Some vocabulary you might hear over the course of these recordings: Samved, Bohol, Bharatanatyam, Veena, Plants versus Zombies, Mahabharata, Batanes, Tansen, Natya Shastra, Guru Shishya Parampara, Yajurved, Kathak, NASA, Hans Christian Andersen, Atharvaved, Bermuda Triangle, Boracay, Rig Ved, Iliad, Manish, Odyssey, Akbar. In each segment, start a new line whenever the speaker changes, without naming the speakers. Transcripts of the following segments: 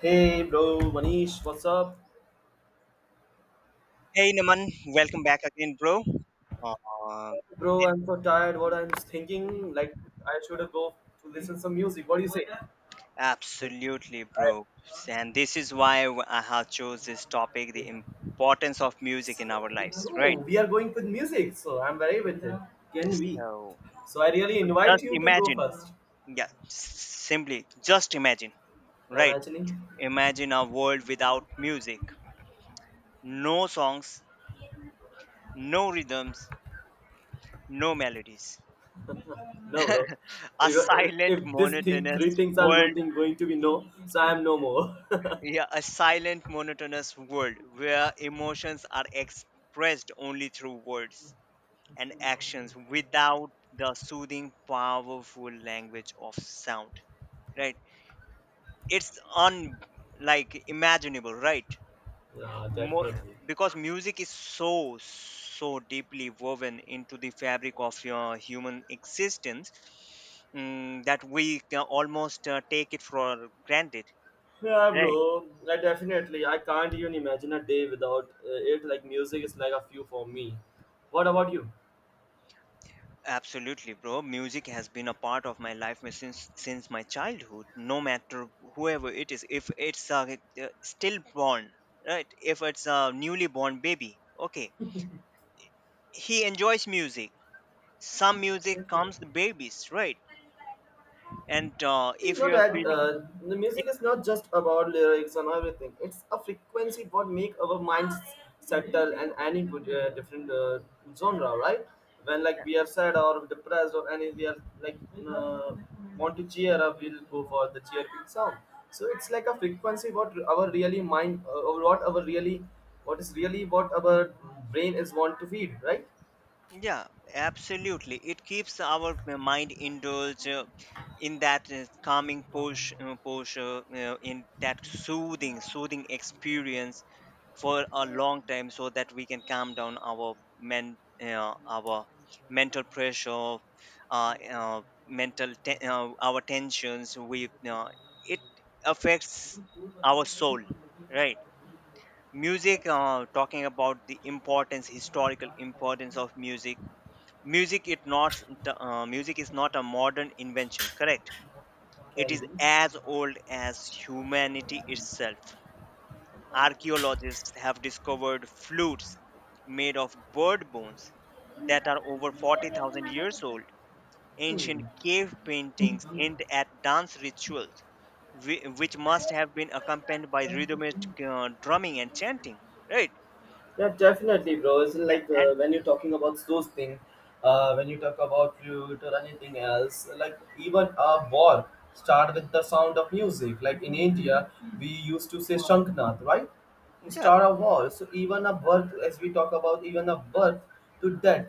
Hey bro, Manish, what's up?
Hey Naman, welcome back again, bro. Uh,
Bro, I'm so tired. What I'm thinking, like I should go to listen some music. What do you say?
Absolutely,
I,
bro. And this is why I have chose this topic: the importance of music in our lives, right?
no, we are going with music, so I'm very with it. Can we?
So,
So I really invite
just
you to go
imagine,
first.
yeah, simply just imagine,
I'm
right?
actually
Imagine a world without music, no songs, no rhythms, no melodies.
no, bro.
A
If,
silent,
if this thing, three
monotonous
things are
world.
going to be no, so I am no more.
Yeah, a silent, monotonous world where emotions are expressed only through words and actions without the soothing, powerful language of sound. Right? It's un like imaginable, right?
Yeah,
Mo-
definitely.
because music is so deeply woven into the fabric of your human existence, that we can almost take it for granted.
Yeah,
Right?
bro. I definitely. I can't even imagine a day without it. Like music is like a few for me. What about you?
Absolutely, bro. Music has been a part of my life since my childhood. No matter whoever it is, if it's a stillborn, right? If it's a newly born baby, okay, he enjoys music. Some music
Definitely.
calms the babies, right? And
You
if
know
you are
that
feeling,
the music is not just about lyrics and everything. It's a frequency what make our minds settle and any good, different genre, right? When
yeah,
like we are sad or depressed or any we are like uh, want to cheer up, we'll go for the cheerful sound. So it's like a frequency what our really mind or what our really what is really what our brain is want to feed, right?
yeah, absolutely. It keeps our mind indulged in that calming in that soothing experience for a long time so that we can calm down our mental pressure, our tensions we it affects our soul, right? music Talking about the importance historical importance of music, music it not music is not a modern invention, correct. It
Can
is
be.
as old as humanity itself. Archaeologists have discovered flutes made of bird bones that are over 40,000 years old. Ancient
Hmm.
cave paintings hint at dance rituals, which must have been accompanied by rhythmic drumming and chanting. Right?
Yeah, definitely, bro. It's
Yeah,
like
and
when you're talking about those things, when you talk about flute or anything else, like even a war start with the sound of music. Like in India, we used to say shanknath, right? To
yeah,
start a war. So even a birth, as we talk about, even a birth to death,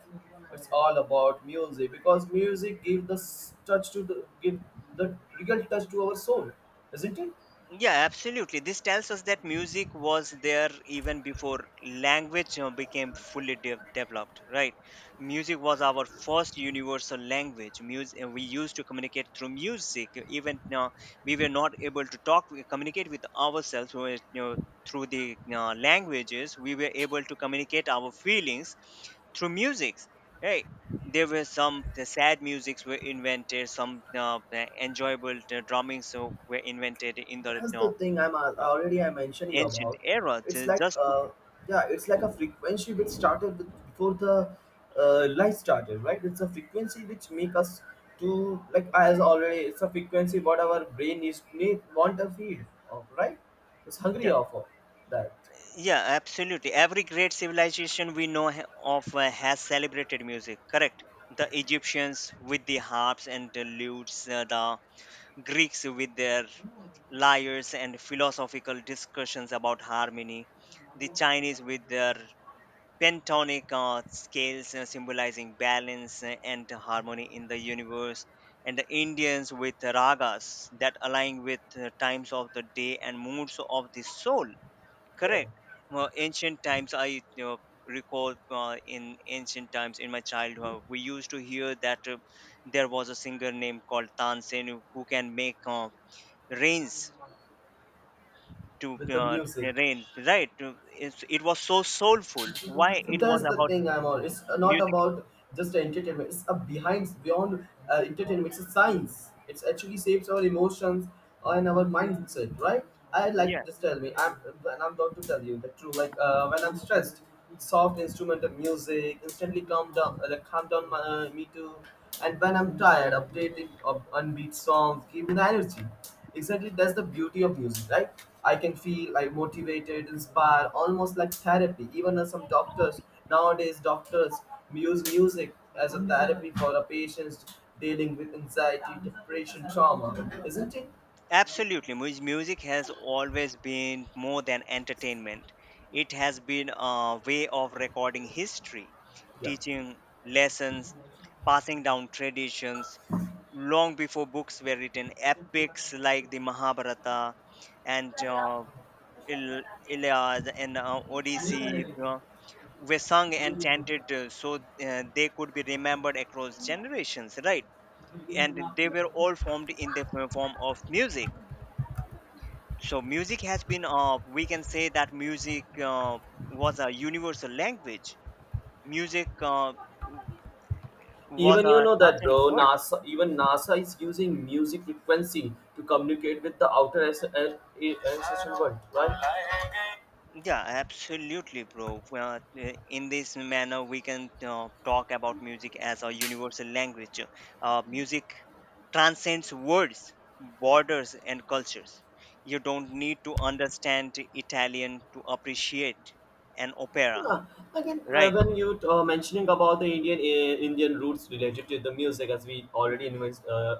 it's all about music because music give the s- touch to the give the real touch to our soul, isn't it?
yeah, absolutely. This tells us that music was there even before language, became fully developed, right? Music was our first universal language. Music, we used to communicate through music. Even now, we were not able to talk, we communicate with ourselves, we were, through the, languages. We were able to communicate our feelings through music, right? There were some, the sad musics were invented, some the enjoyable, the drummings, so were invented in the,
That's the thing I'm
uh,
already I mentioned you
ancient
about
era,
it's like
just to,
yeah it's like a frequency which started with, before the life started, right? It's a frequency which make us to like as already it's a frequency what our brain is need want to feed of, right? It's
yeah,
hungry of that.
yeah, absolutely. Every great civilization we know ha- of has celebrated music, correct. The egyptians with the harps and the lutes, the greeks with their lyres and philosophical discussions about harmony, the chinese with their pentonic scales, symbolizing balance and harmony in the universe, and the indians with ragas that align with times of the day and moods of the soul,
Yeah
correct. Well, ancient times, I, recall, in ancient times in my childhood we used to hear that there was a singer named called tansen who can make rains to,
with the
uh,
music.
rain, right? It's, it was so soulful. Why? It was
That's the
about
thing I'm on, it's not
music.
about just entertainment, it's a behind beyond entertainment, it's a science, it's actually shapes our emotions and our mindset, right? I like
Yeah,
just tell me I'm and I'm going to tell you the truth like when I'm stressed soft instrumental music instantly calm down like calm down me too, and when I'm tired, updated of unbeat songs give me the energy. Exactly, that's the beauty of music, right? I can feel like motivated, inspired, almost like therapy. Even as some doctors nowadays, doctors use music as a therapy for the patients dealing with anxiety, depression, trauma, isn't it?
absolutely. Music has always been more than entertainment. It has been a way of recording history,
Yeah.
teaching lessons, passing down traditions. Long before books were written, epics like the Mahabharata and Iliad and Odyssey were sung and chanted so they could be remembered across generations, right? And they were all formed in the form of music. So music has been, we can say that music was a universal language. Music was
Even you
a
know that,
transcendent
bro.
word.
NASA, even NASA is using music frequency to communicate with the outer ancestral world, right?
Yeah, absolutely, bro. Well, in this manner we can talk about music as a universal language. Music transcends words, borders and cultures. You don't need to understand italian to appreciate an opera,
Yeah. Again,
right?
when you mentioning about the Indian Indian roots related to the music, as we already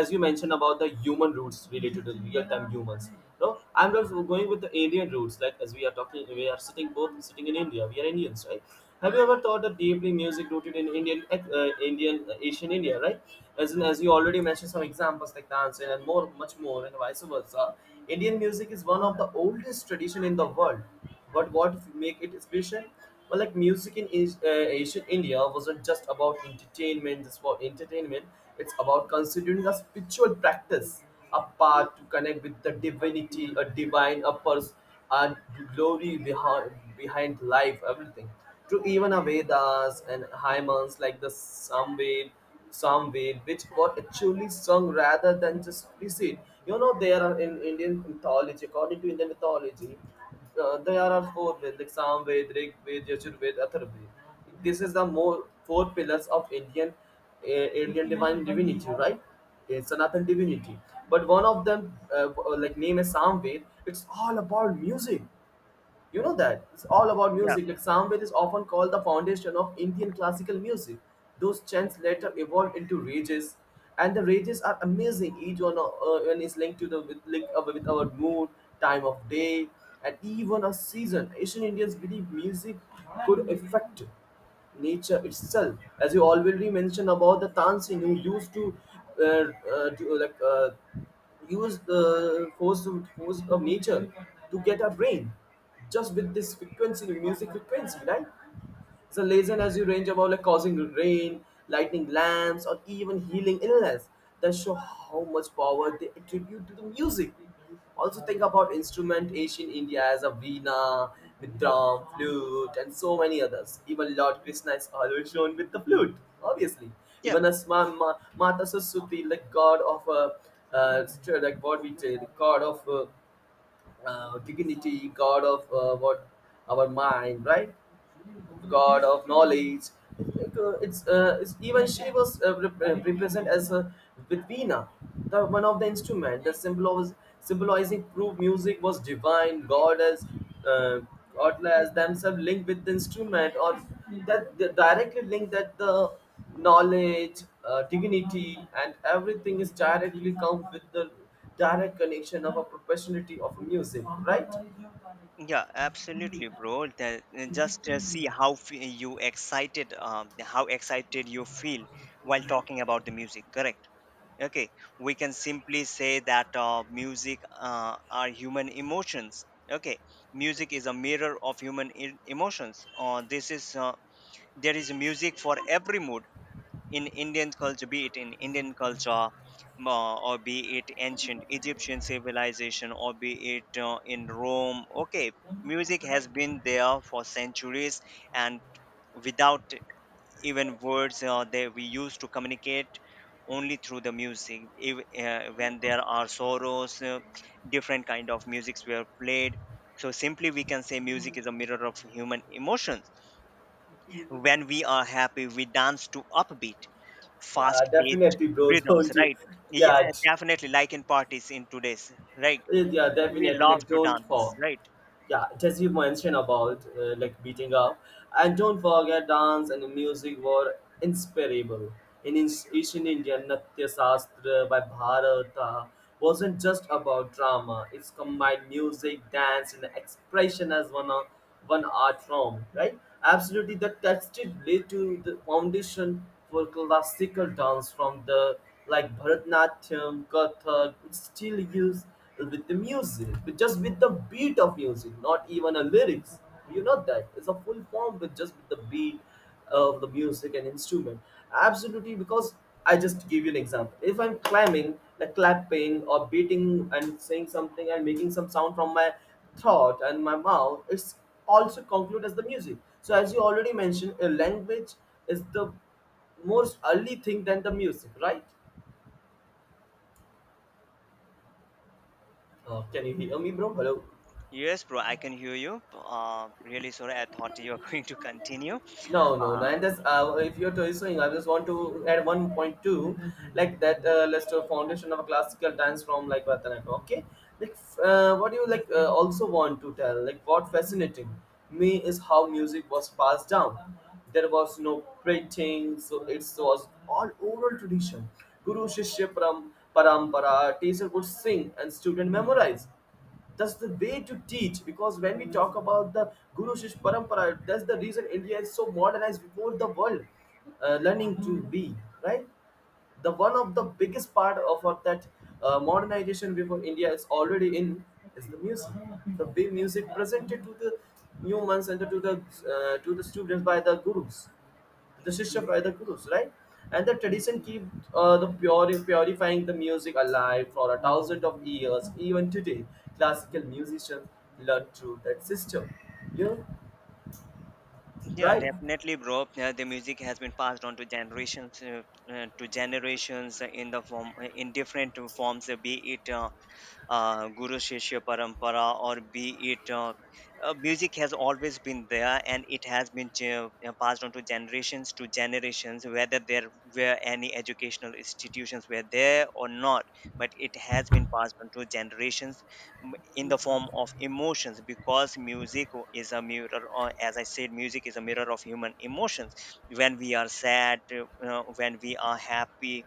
as you mentioned about the human roots related to real time humans. No, I'm just going with the Indian roots, like as we are talking, we are sitting both sitting in India. We are Indians, right? Have you ever thought that deeply music rooted in Indian, Indian, Asian India, right? As in, as you already mentioned some examples like dance and more, much more, and vice versa. Indian music is one of the oldest tradition in the world, but what make it special? Well, like music in ancient India wasn't just about entertainment, just for entertainment. It's about considering a spiritual practice, a path to connect with the divinity, a divine, a purpose, and glory behind life, everything. To even a Vedas and hymns like the Samved, which were actually sung rather than just recited. You know, there are in Indian mythology, according to Indian mythology. There are four Vedic, Samved, Rig Ved, Yajurved, Atharvaved. This is the more four pillars of Indian Indian divine divinity, right? Sanatan divinity. But one of them, like name is Samved. It's all about music. You know that it's all about
Yeah,
music. Like Samved is often called the foundation of Indian classical music. Those chants later evolved into rages, and the rages are amazing. Each one is linked to the with, linked up with our mood, time of day, and even a season. Asian Indians believe music could affect nature itself as you already mentioned about the tansin who used to uh, do, use the force of nature to get a brain just with this frequency music frequency, right? So legend, has a range about like causing rain, lightning lamps, or even healing illness that show how much power they attribute to the music. Also think about instrument ancient India as a veena, with drum, flute, and so many others. Even Lord Krishna is always shown with the flute, obviously.
yeah,
Even as Mata Saraswati, like god of uh, like what we say, the god of dignity, God of what our mind, right? God of knowledge. It's, like, it's even she was represented as a with Veena, the one of the instrument. The symbol was symbolizing proof music was divine, God as uh, godless themselves linked with the instrument or that directly linked that the knowledge, dignity, and everything is directly come with the direct connection of a professionality of music, right?
yeah, absolutely, bro. That, just see you excited, how excited you feel while talking about the music, correct. Okay, we can simply say that music are human emotions. Okay, music is a mirror of human emotions. This is There is music for every mood in Indian culture, be it in Indian culture, or be it ancient Egyptian civilization, or be it in Rome. Okay, music has been there for centuries, and without even words, we used to communicate only through the music. If, when there are sorrows, different kind of musics were played. So simply, we can say music is a mirror of human emotions. When we are happy, we dance to upbeat
Yeah,
fast paced
definitely, bro.
rhythms,
Don't you?
right? Yeah,
Yeah,
definitely, like in parties, in today's, right?
yeah,
We
definitely.
love
Like,
to
don't
dance,
fall.
right?
Yeah, as you mentioned about like beating up, and don't forget dance and music were inspirable. In ancient India, Natya Shastra by Bharata wasn't just about drama. It's combined music, dance, and expression as one art form. Right? Absolutely, that tested laid to the foundation for classical dance from the like Bharatanatyam, Kathak. It's still used with the music, with just with the beat of music, not even a lyrics. You know that it's a full form with just with the beat of the music and instrument. Absolutely, because I just give you an example. If I'm climbing, like clapping or beating and saying something and making some sound from my throat and my mouth, it's also concluded as the music. So as you already mentioned, a language is the most early thing than the music, right? Can you hear me, bro? Hello.
Yes bro, I can hear you. Really sorry, I thought you were going to continue.
No, no, no.
uh
And this, if you're saying, I just want to add one point two, like that Lester foundation of a classical dance from like Bharatanatyam. Okay, like what do you like also want to tell? Like what fascinating me is how music was passed down. There was no printing, so it was all oral tradition. Guru Shishya Param, Parampara, teacher would sing and student memorize, that's the way to teach, because when we talk about the guru shishya parampara, that's the reason India is so modernized before the world, learning to be, right? The one of the biggest part of our, that modernization before India is already in is the music, the way music presented to the humans and to the students by the gurus, the sister by the gurus, right? And the tradition keep purifying the music alive for a thousand of years. Even today, classical musicians learn through that system. You know,
yeah,
right?
definitely, bro. Yeah, the music has been passed on to generations, to generations in the form, in different forms, be it Guru Shishya Parampara, or be it, music has always been there, and it has been passed on to generations, whether there were any educational institutions were there or not. But it has been passed on to generations in the form of emotions because music is a mirror, or as I said, music is a mirror of human emotions. When we are sad, you know, when we are happy,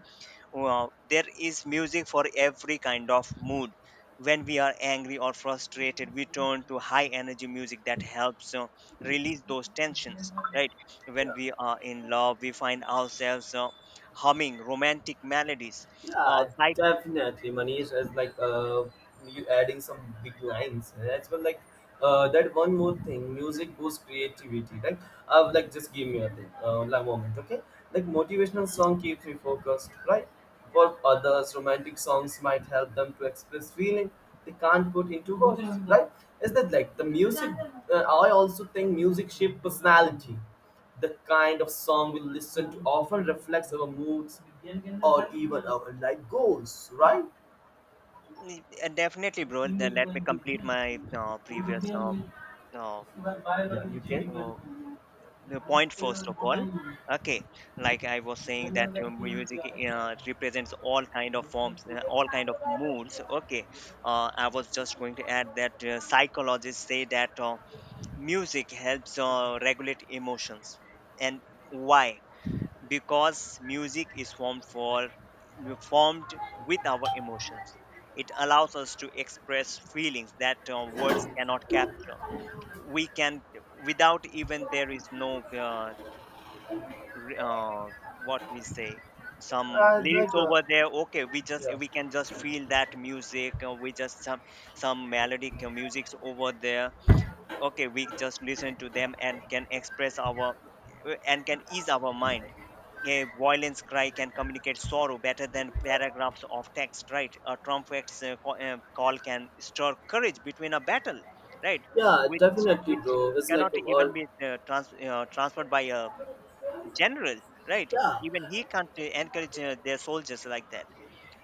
well, there is music for every kind of mood. When we are angry or frustrated, we turn to high energy music that helps release those tensions, right? When
Yeah.
we are in love, we find ourselves humming romantic melodies.
Yeah,
Uh, like,
definitely, Manish. As like you adding some big lines eh, as well. Like that one more thing, music boosts creativity. Like just give me a thing, like moment, okay? Like motivational song keeps me focused, right? For others, romantic songs might help them to express feeling they can't put into words, right? Is that like the music? I also think music shape personality, the kind of song we listen to often reflects our moods or even our life goals, right?
mm, and definitely, bro,
Yeah,
then let me
you
complete my previous uh,
can.
uh, the point, first of all, okay. Like I was saying that music represents all kind of forms, all kind of moods, okay. I was just going to add that psychologists say that music helps regulate emotions, and why? Because music is formed with our emotions. It allows us to express feelings that words cannot capture. We can without even, there is no uh, re- uh, what we say, some
I
lyrics
like
over there, okay? We just,
yeah,
we can just feel that music, we just some melodic musics over there, okay? We just listen to them and can express our, and can ease our mind. A violence cry can communicate sorrow better than paragraphs of text, right? A trumpet's call can stir courage between a battle, right?
yeah,
which
definitely,
which
bro. It's like
cannot even
all
be transferred by a general, right?
yeah,
Even he can't encourage their soldiers like that.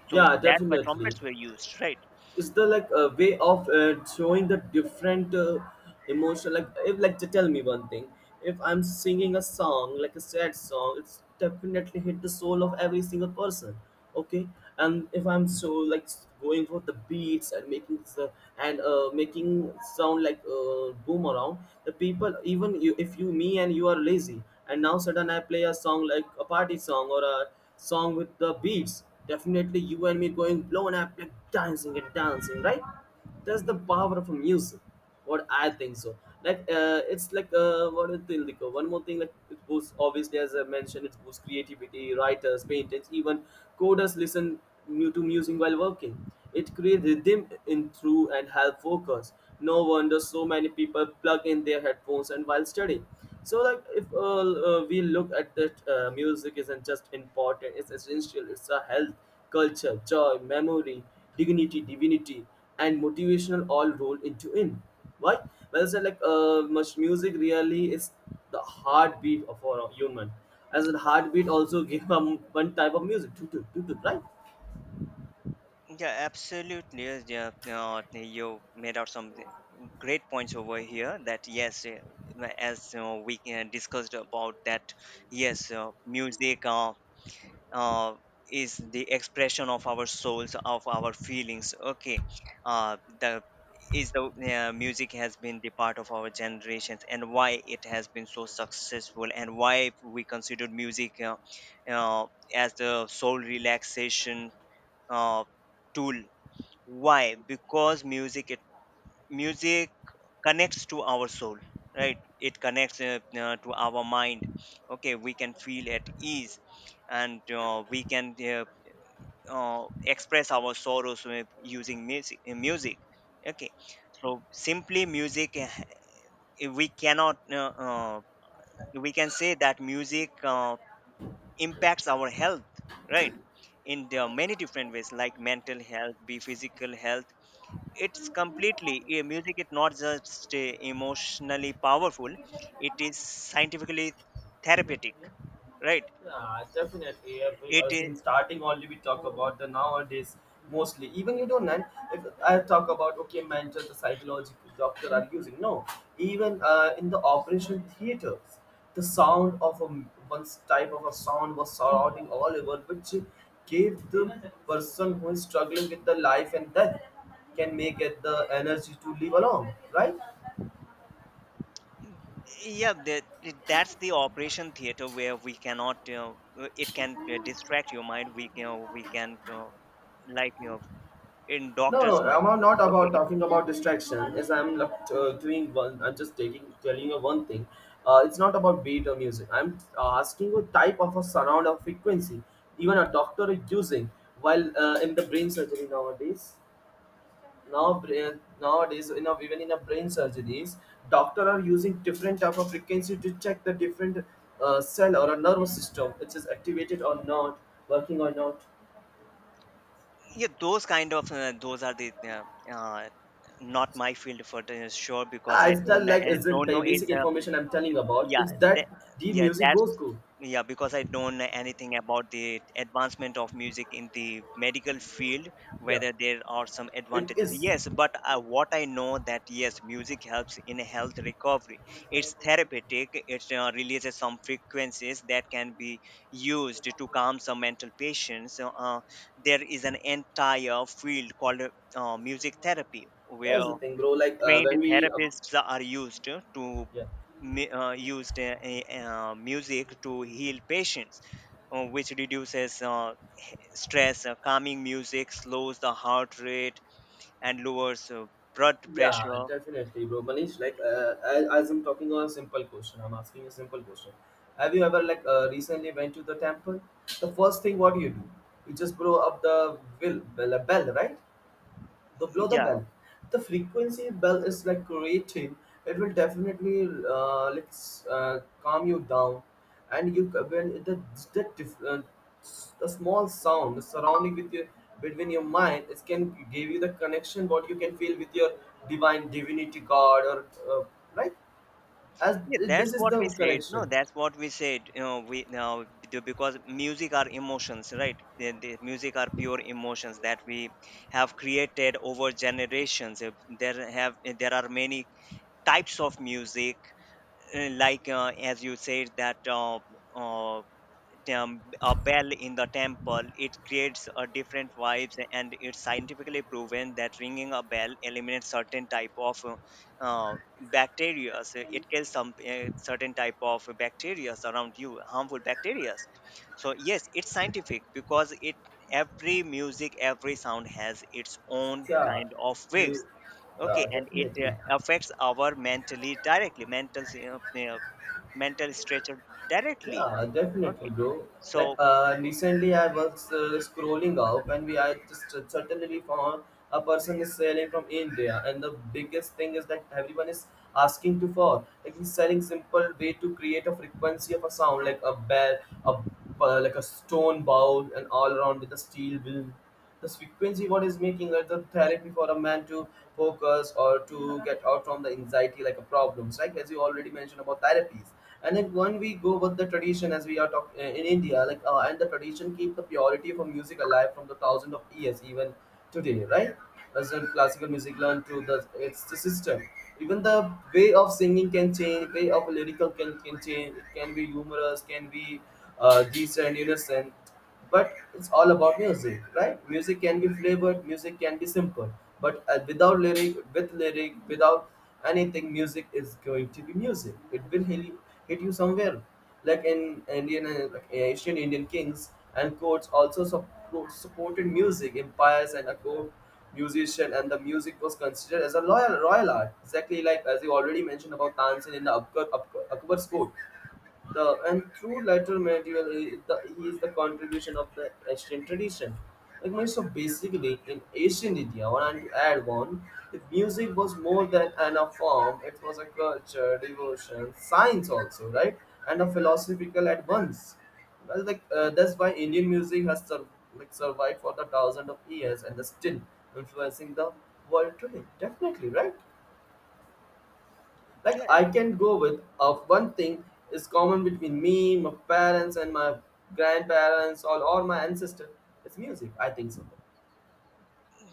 So
yeah,
that's why
definitely.
trumpets were used, right?
Is the like a way of showing the different emotion, like if like to tell me one thing, if I'm singing a song like a sad song it's definitely hit the soul of every single person, okay, and if I'm so like going for the beats and making the and making sound like boom around the people, even you if you me and you are lazy, and now sudden I play a song like a party song or a song with the beats, definitely, you and me going blown up like dancing and dancing, right? That's the power of music. What I think so. Like it's like what do you think? Like, one more thing, like it boosts obviously as I mentioned, it boosts creativity. Writers, painters, even coders listen to music while working. It creates rhythm in through and help focus. No wonder so many people plug in their headphones and while studying so like if we look at that, music isn't just important, it's essential. It's a health, culture, joy, memory, dignity, divinity, and motivational all rolled into in. Why? Well said. Like much Music really is the heartbeat of our human. As a heartbeat also give one type of music, toot, toot, toot, toot, right?
Yeah, absolutely, yes. Yeah, you made out some great points over here. That yes, as we discussed about that, yes, music. Uh, is the expression of our souls, of our feelings, okay? The is the Music has been the part of our generations, and why it has been so successful, and why we considered music, uh, as the soul relaxation uh, tool. Why? Because music, music connects to our soul, right? It connects to our mind, okay? We can feel at ease, and we can express our sorrows with using music, okay. So simply music, we cannot we can say that music impacts our health, right? In the many different ways, like mental health, be physical health. It's completely, music is not just, emotionally powerful, it is scientifically therapeutic, right?
Yeah, definitely.
It
As in
is.
starting only, we talk about the nowadays mostly. Even you don't know, if I talk about, okay, mental, the psychological doctor are using. No, even in the operation theaters, the sound of a one type of a sound was surrounding all over, which gave the person who is struggling with the life and death can make get the energy to live along, right?
Yeah, that's the operation theater where we cannot, it can distract your mind. We can, we can, like you know, in
No,
doctor's
no, I'm
mind,
not
okay.
about
It, can,
talking about distraction. Yes, I'm like, doing one. I'm just taking telling you one thing. It's not about beat or music. I'm asking what type of a surround or frequency even a doctor is using while in the brain surgery nowadays. Now, brain, nowadays, you know, even in a brain surgeries, doctor are using different type of frequency to check the different cell or a nervous system which is activated or not, working or not.
yeah those kind of those are the, uh, not my field for the- sure, because
Ah,
I
it's that
don't,
like
I
is the
don't know it,
basic information I'm telling about.
yeah
It's
that,
that the
yeah
music
that's,
goes cool.
yeah because I don't know anything about the advancement of music in the medical field,
Yeah.
whether there are some
It
advantages,
is.
yes, but what I know that yes, music helps in health recovery. It's therapeutic. It releases some frequencies that can be used to calm some mental patients. So, there is an entire field called music therapy,
That's
where
the thing, bro.
trained therapists are used
Yeah,
used music to heal patients, which reduces stress. Calming music slows the heart rate and lowers blood
yeah,
pressure.
definitely, bro. Manish, like as I'm talking on a simple question, I'm asking a simple question. Have you ever like recently went to the temple? The first thing what do? You just blow up the will bell, bell, right? The blow the
Yeah,
bell, the frequency bell is like creating, it will definitely calm you down. And when the, diff- uh, the small sound surrounding with your between your mind, it can give you the connection what you can feel with your divine divinity god or uh, right. As
yeah, that's
this is
what
the
we said, no,
connection.
that's what we said, you know, we now, because music are emotions, right? The music are pure emotions that we have created over generations. There have, there are many types of music, as you said that uh, a bell in the temple, it creates a different vibes, and it's scientifically proven that ringing a bell eliminates certain type of bacteria. It kills some certain type of bacteria around you, harmful bacteria. So yes, it's scientific because it every Music, every sound has its own
Yeah.
kind of
we-
waves. Okay,
yeah,
and it
definitely.
affects our mentally directly. Mental stretcher directly.
Yeah,
Okay,
definitely, bro. Like
so
recently, I was scrolling up, and we I just suddenly found a person is selling from India, and the biggest thing is that everyone is asking to for. Like, he's selling simple way to create a frequency of a sound, like a bell, a like a stone bowl, and all around with a steel wheel. This frequency what is making like the therapy for a man to focus or to get out from the anxiety like a problems, right? As you already mentioned about therapies. And then when we go with the tradition as we are talking in India, like and the tradition keep the purity of music alive from the thousand of years even today, right? As in classical music learned to the, it's the system. Even the way of singing can change, way of lyrical can change, it can be humorous, can be decent, innocent. But it's all about music, right? Music can be flavored, music can be simple, but without lyric, with lyric, without anything, music is going to be music. It will hit you somewhere. Like in Indian, Asian Indian kings and courts also supported music empires, and a court musician, and the music was considered as a royal art. Exactly like as you already mentioned about Tansin in the Akbar's court, the and through later medieval, he is the contribution of the Asian tradition. Like so basically in ancient India, when I add one, if music was more than an a form, it was a culture, devotion, science also, right, and a philosophical at once. Well, like that's why Indian music has like survived for the thousand of years and is still influencing the world today. Definitely, right? Like,
yeah,
I can go with of one thing is common between me, my parents, and my grandparents, or my ancestor. It's music. I think so,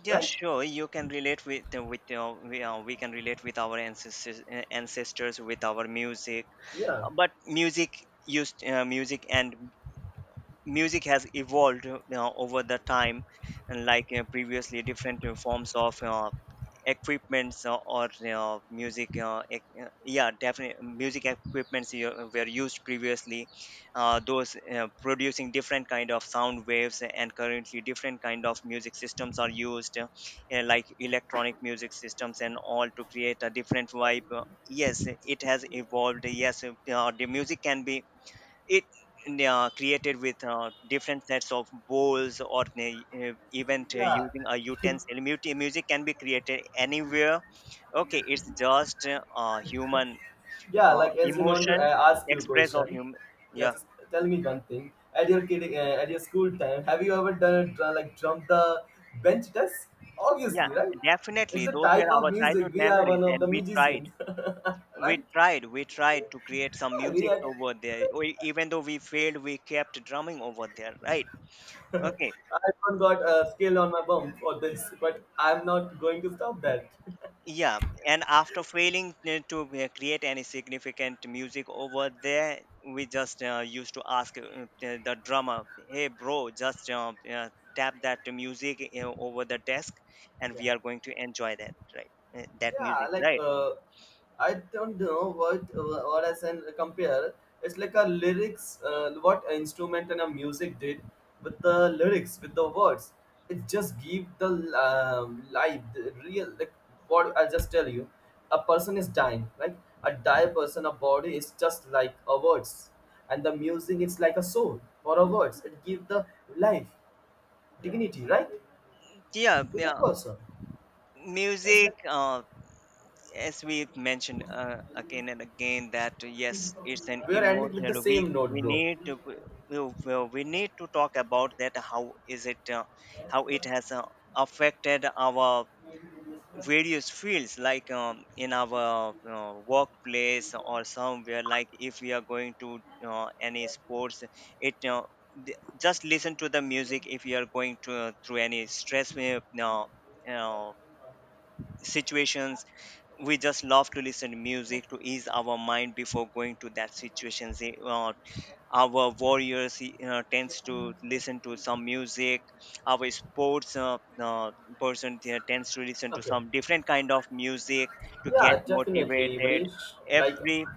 yeah,
right?
sure, you can relate with we can relate with our ancestors, with our music.
Yeah,
But music used music and music has evolved, you know, over the time. And, like, you know, previously different forms of equipments, or, you know, music yeah, definitely music equipments, you know, were used previously, those producing different kind of sound waves. And currently different kind of music systems are used, like electronic music systems and all, to create a different vibe. Yes, it has evolved. Yes, the music can be it created with different sets of bowls, or even
yeah,
using a utensil. Music can be created anywhere. Okay, it's just human
yeah. Like as you want to
emotion,
ask you a
express of
question,
human.
yeah,
Yeah.
just tell me one thing. At your kid, at your school time, have you ever done a like jump the bench test?
Yeah,
Obviously, right?
definitely,
It's a
those were
type of
our childhood
music. We are
memories,
one of
and
the musicians, right?
we tried to create some
Yeah, we
music
are.
over there. Or even though we failed, we kept drumming over there, right? Okay.
I even got a scale on my bum for this, but I'm not going to stop that.
Yeah, and after failing to create any significant music over there, we just used to ask, the drummer, "Hey, bro, just tap that music over the desk, and we
Yeah.
are going to enjoy that, right? That
Yeah,
music,
like
right?"
I don't know what I can compare. It's like a lyrics, what an instrument and a music did with the lyrics, with the words. It just give the life, the real. Like what I just tell you, a person is dying, right? A die person, a body is just like a words, and the music is like a soul or a words. It give the life, dignity, right,
Yeah,
to the
yeah.
person. That's
Music.
like,
As we've mentioned again and again, that yes, it's an
we're ending with the
emotional week.
same note,
we
bro.
need to we, we well, we need to talk about that. How is it how it has affected our various fields, like, in our workplace or somewhere? Like if we are going to any sports, it just listen to the music. If you are going to through any stress uh, situations, we just love to listen to music to ease our mind before going to that situations. Say, our warriors tends to listen to some music. Our sports person tends to listen to
Okay.
some different kind of music to get
Yeah, definitely,
motivated.
Manish. Like
Every.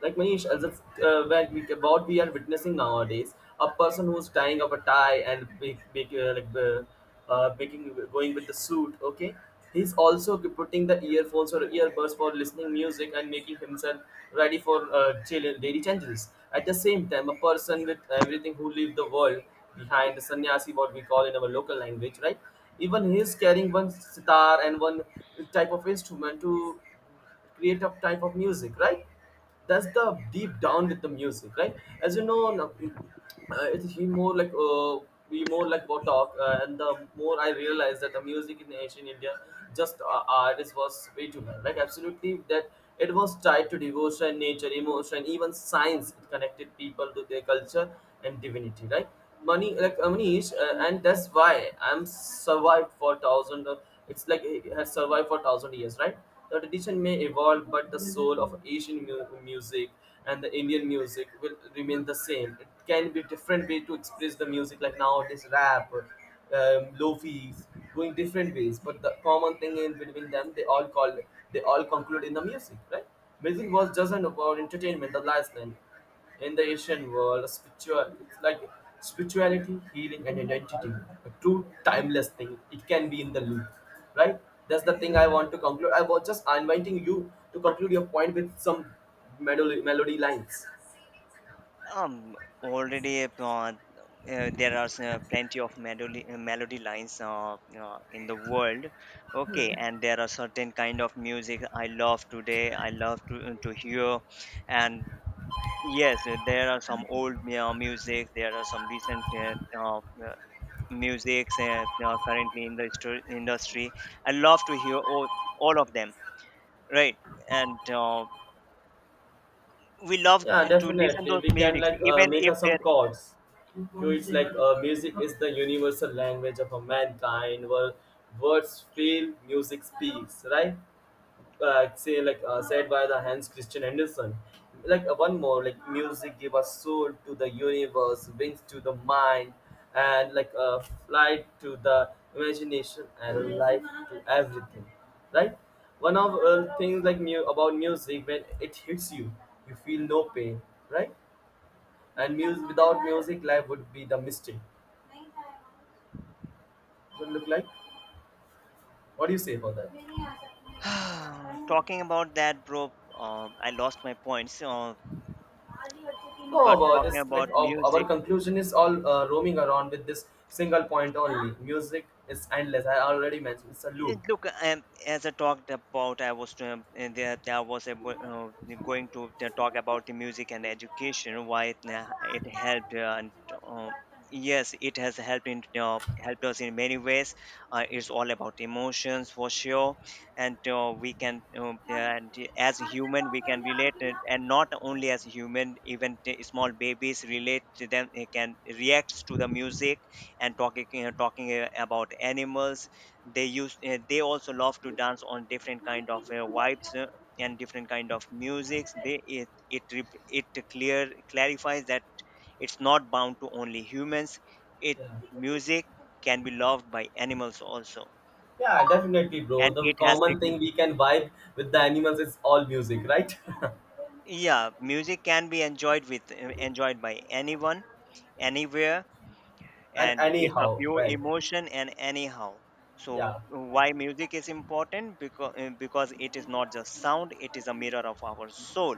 Like Manish, as if, when we, what we are witnessing nowadays, a person who's tying up a tie and big, big, making going with the suit. Okay, he's also putting the earphones or earbuds for listening music and making himself ready for chill and daily changes. At the same time, a person with everything who leave the world behind, the sannyasi, what we call in our local language, right? Even he is carrying one sitar and one type of instrument to creative type of music, right? That's the deep down with the music, right? As you know now, it's he more like we more like what talk and the more I realize that the music in ancient India just artist was way too bad, like absolutely that it was tied to devotion, nature, emotion, even science. It connected people to their culture and divinity, right? Money, like Manish, and that's why I'm survived for thousand. It's like it has survived for thousand years, right? The tradition may evolve, but the soul of Asian music and the Indian music will remain the same. It can be different way to express the music, like nowadays rap, lofi's, going different ways. But the common thing in between them, they all call, they all conclude in the music, right? Music was just an about entertainment, the last line. In the Asian world, spiritual it's like spirituality, healing, and identity, a true timeless thing. It can be in the loop, right? That's the thing I want to conclude. I was just inviting you to conclude your point with some melody lines.
Um, already there are plenty of melody melody lines in the world. Okay, and there are certain kind of music I love today. I love to hear, and yes, there are some old music. There are some recent uh, uh, musics currently in the industry. I love to hear all of them. Right, and we love
Yeah,
to listen
definitely.
those
We can
lyrics
like
even
make
if
us
there.
some chords. So it's like music is the universal language of a mankind. Where words fail, music speaks, right? Uh, say like said by the Hans Christian Andersen. Like one more, like music give us soul to the universe, wings to the mind, and like a flight to the imagination and life to everything. Right? One of things like about music, when it hits you, you feel no pain. Right? And music, without music, life would be the mistake. Would look like. What do you say about that?
Talking about that, bro, I lost my points.
No,
But
about
talking
this
about
like our
music,
conclusion is all roaming around with this single point only. Music is endless. I already mentioned it's a loop.
Look, as I talked about, I was there. I was able, going to talk about the music and education. Why it, it helped, and um, yes, it has helped in helped us in many ways. It's all about emotions for sure, and we can, and as human, we can relate it, and not only as human, even the small babies relate to them. They can react to the music. And talking about animals, they also love to dance on different kind of vibes and different kind of musics. They, it rep- it clear clarifies that it's not bound to only humans. It,
Yeah.
music can be loved by animals also,
Yeah, definitely, bro.
and
The
it has
common thing we can vibe with the animals is all music, right?
yeah, music can be enjoyed enjoyed by anyone, anywhere,
And
and it's a
anyhow,
pure
right?
emotion and anyhow. So
Yeah.
why music is important? Because it is not just sound, it is a mirror of our soul,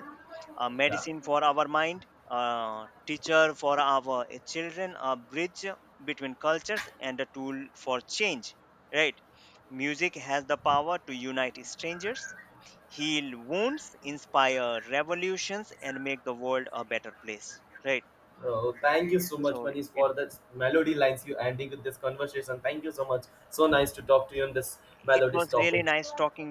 a
Yeah.
medicine for our mind, a teacher for our children, a bridge between cultures, and a tool for change, right? Music has the power to unite strangers, heal wounds, inspire revolutions, and make the world a better place, right?
Oh, thank you so much,
So
Manish,
it
for the melody lines you ending with this conversation. Thank you so much. So nice to talk to you on this
it
melodies
was really
topic.
nice talking.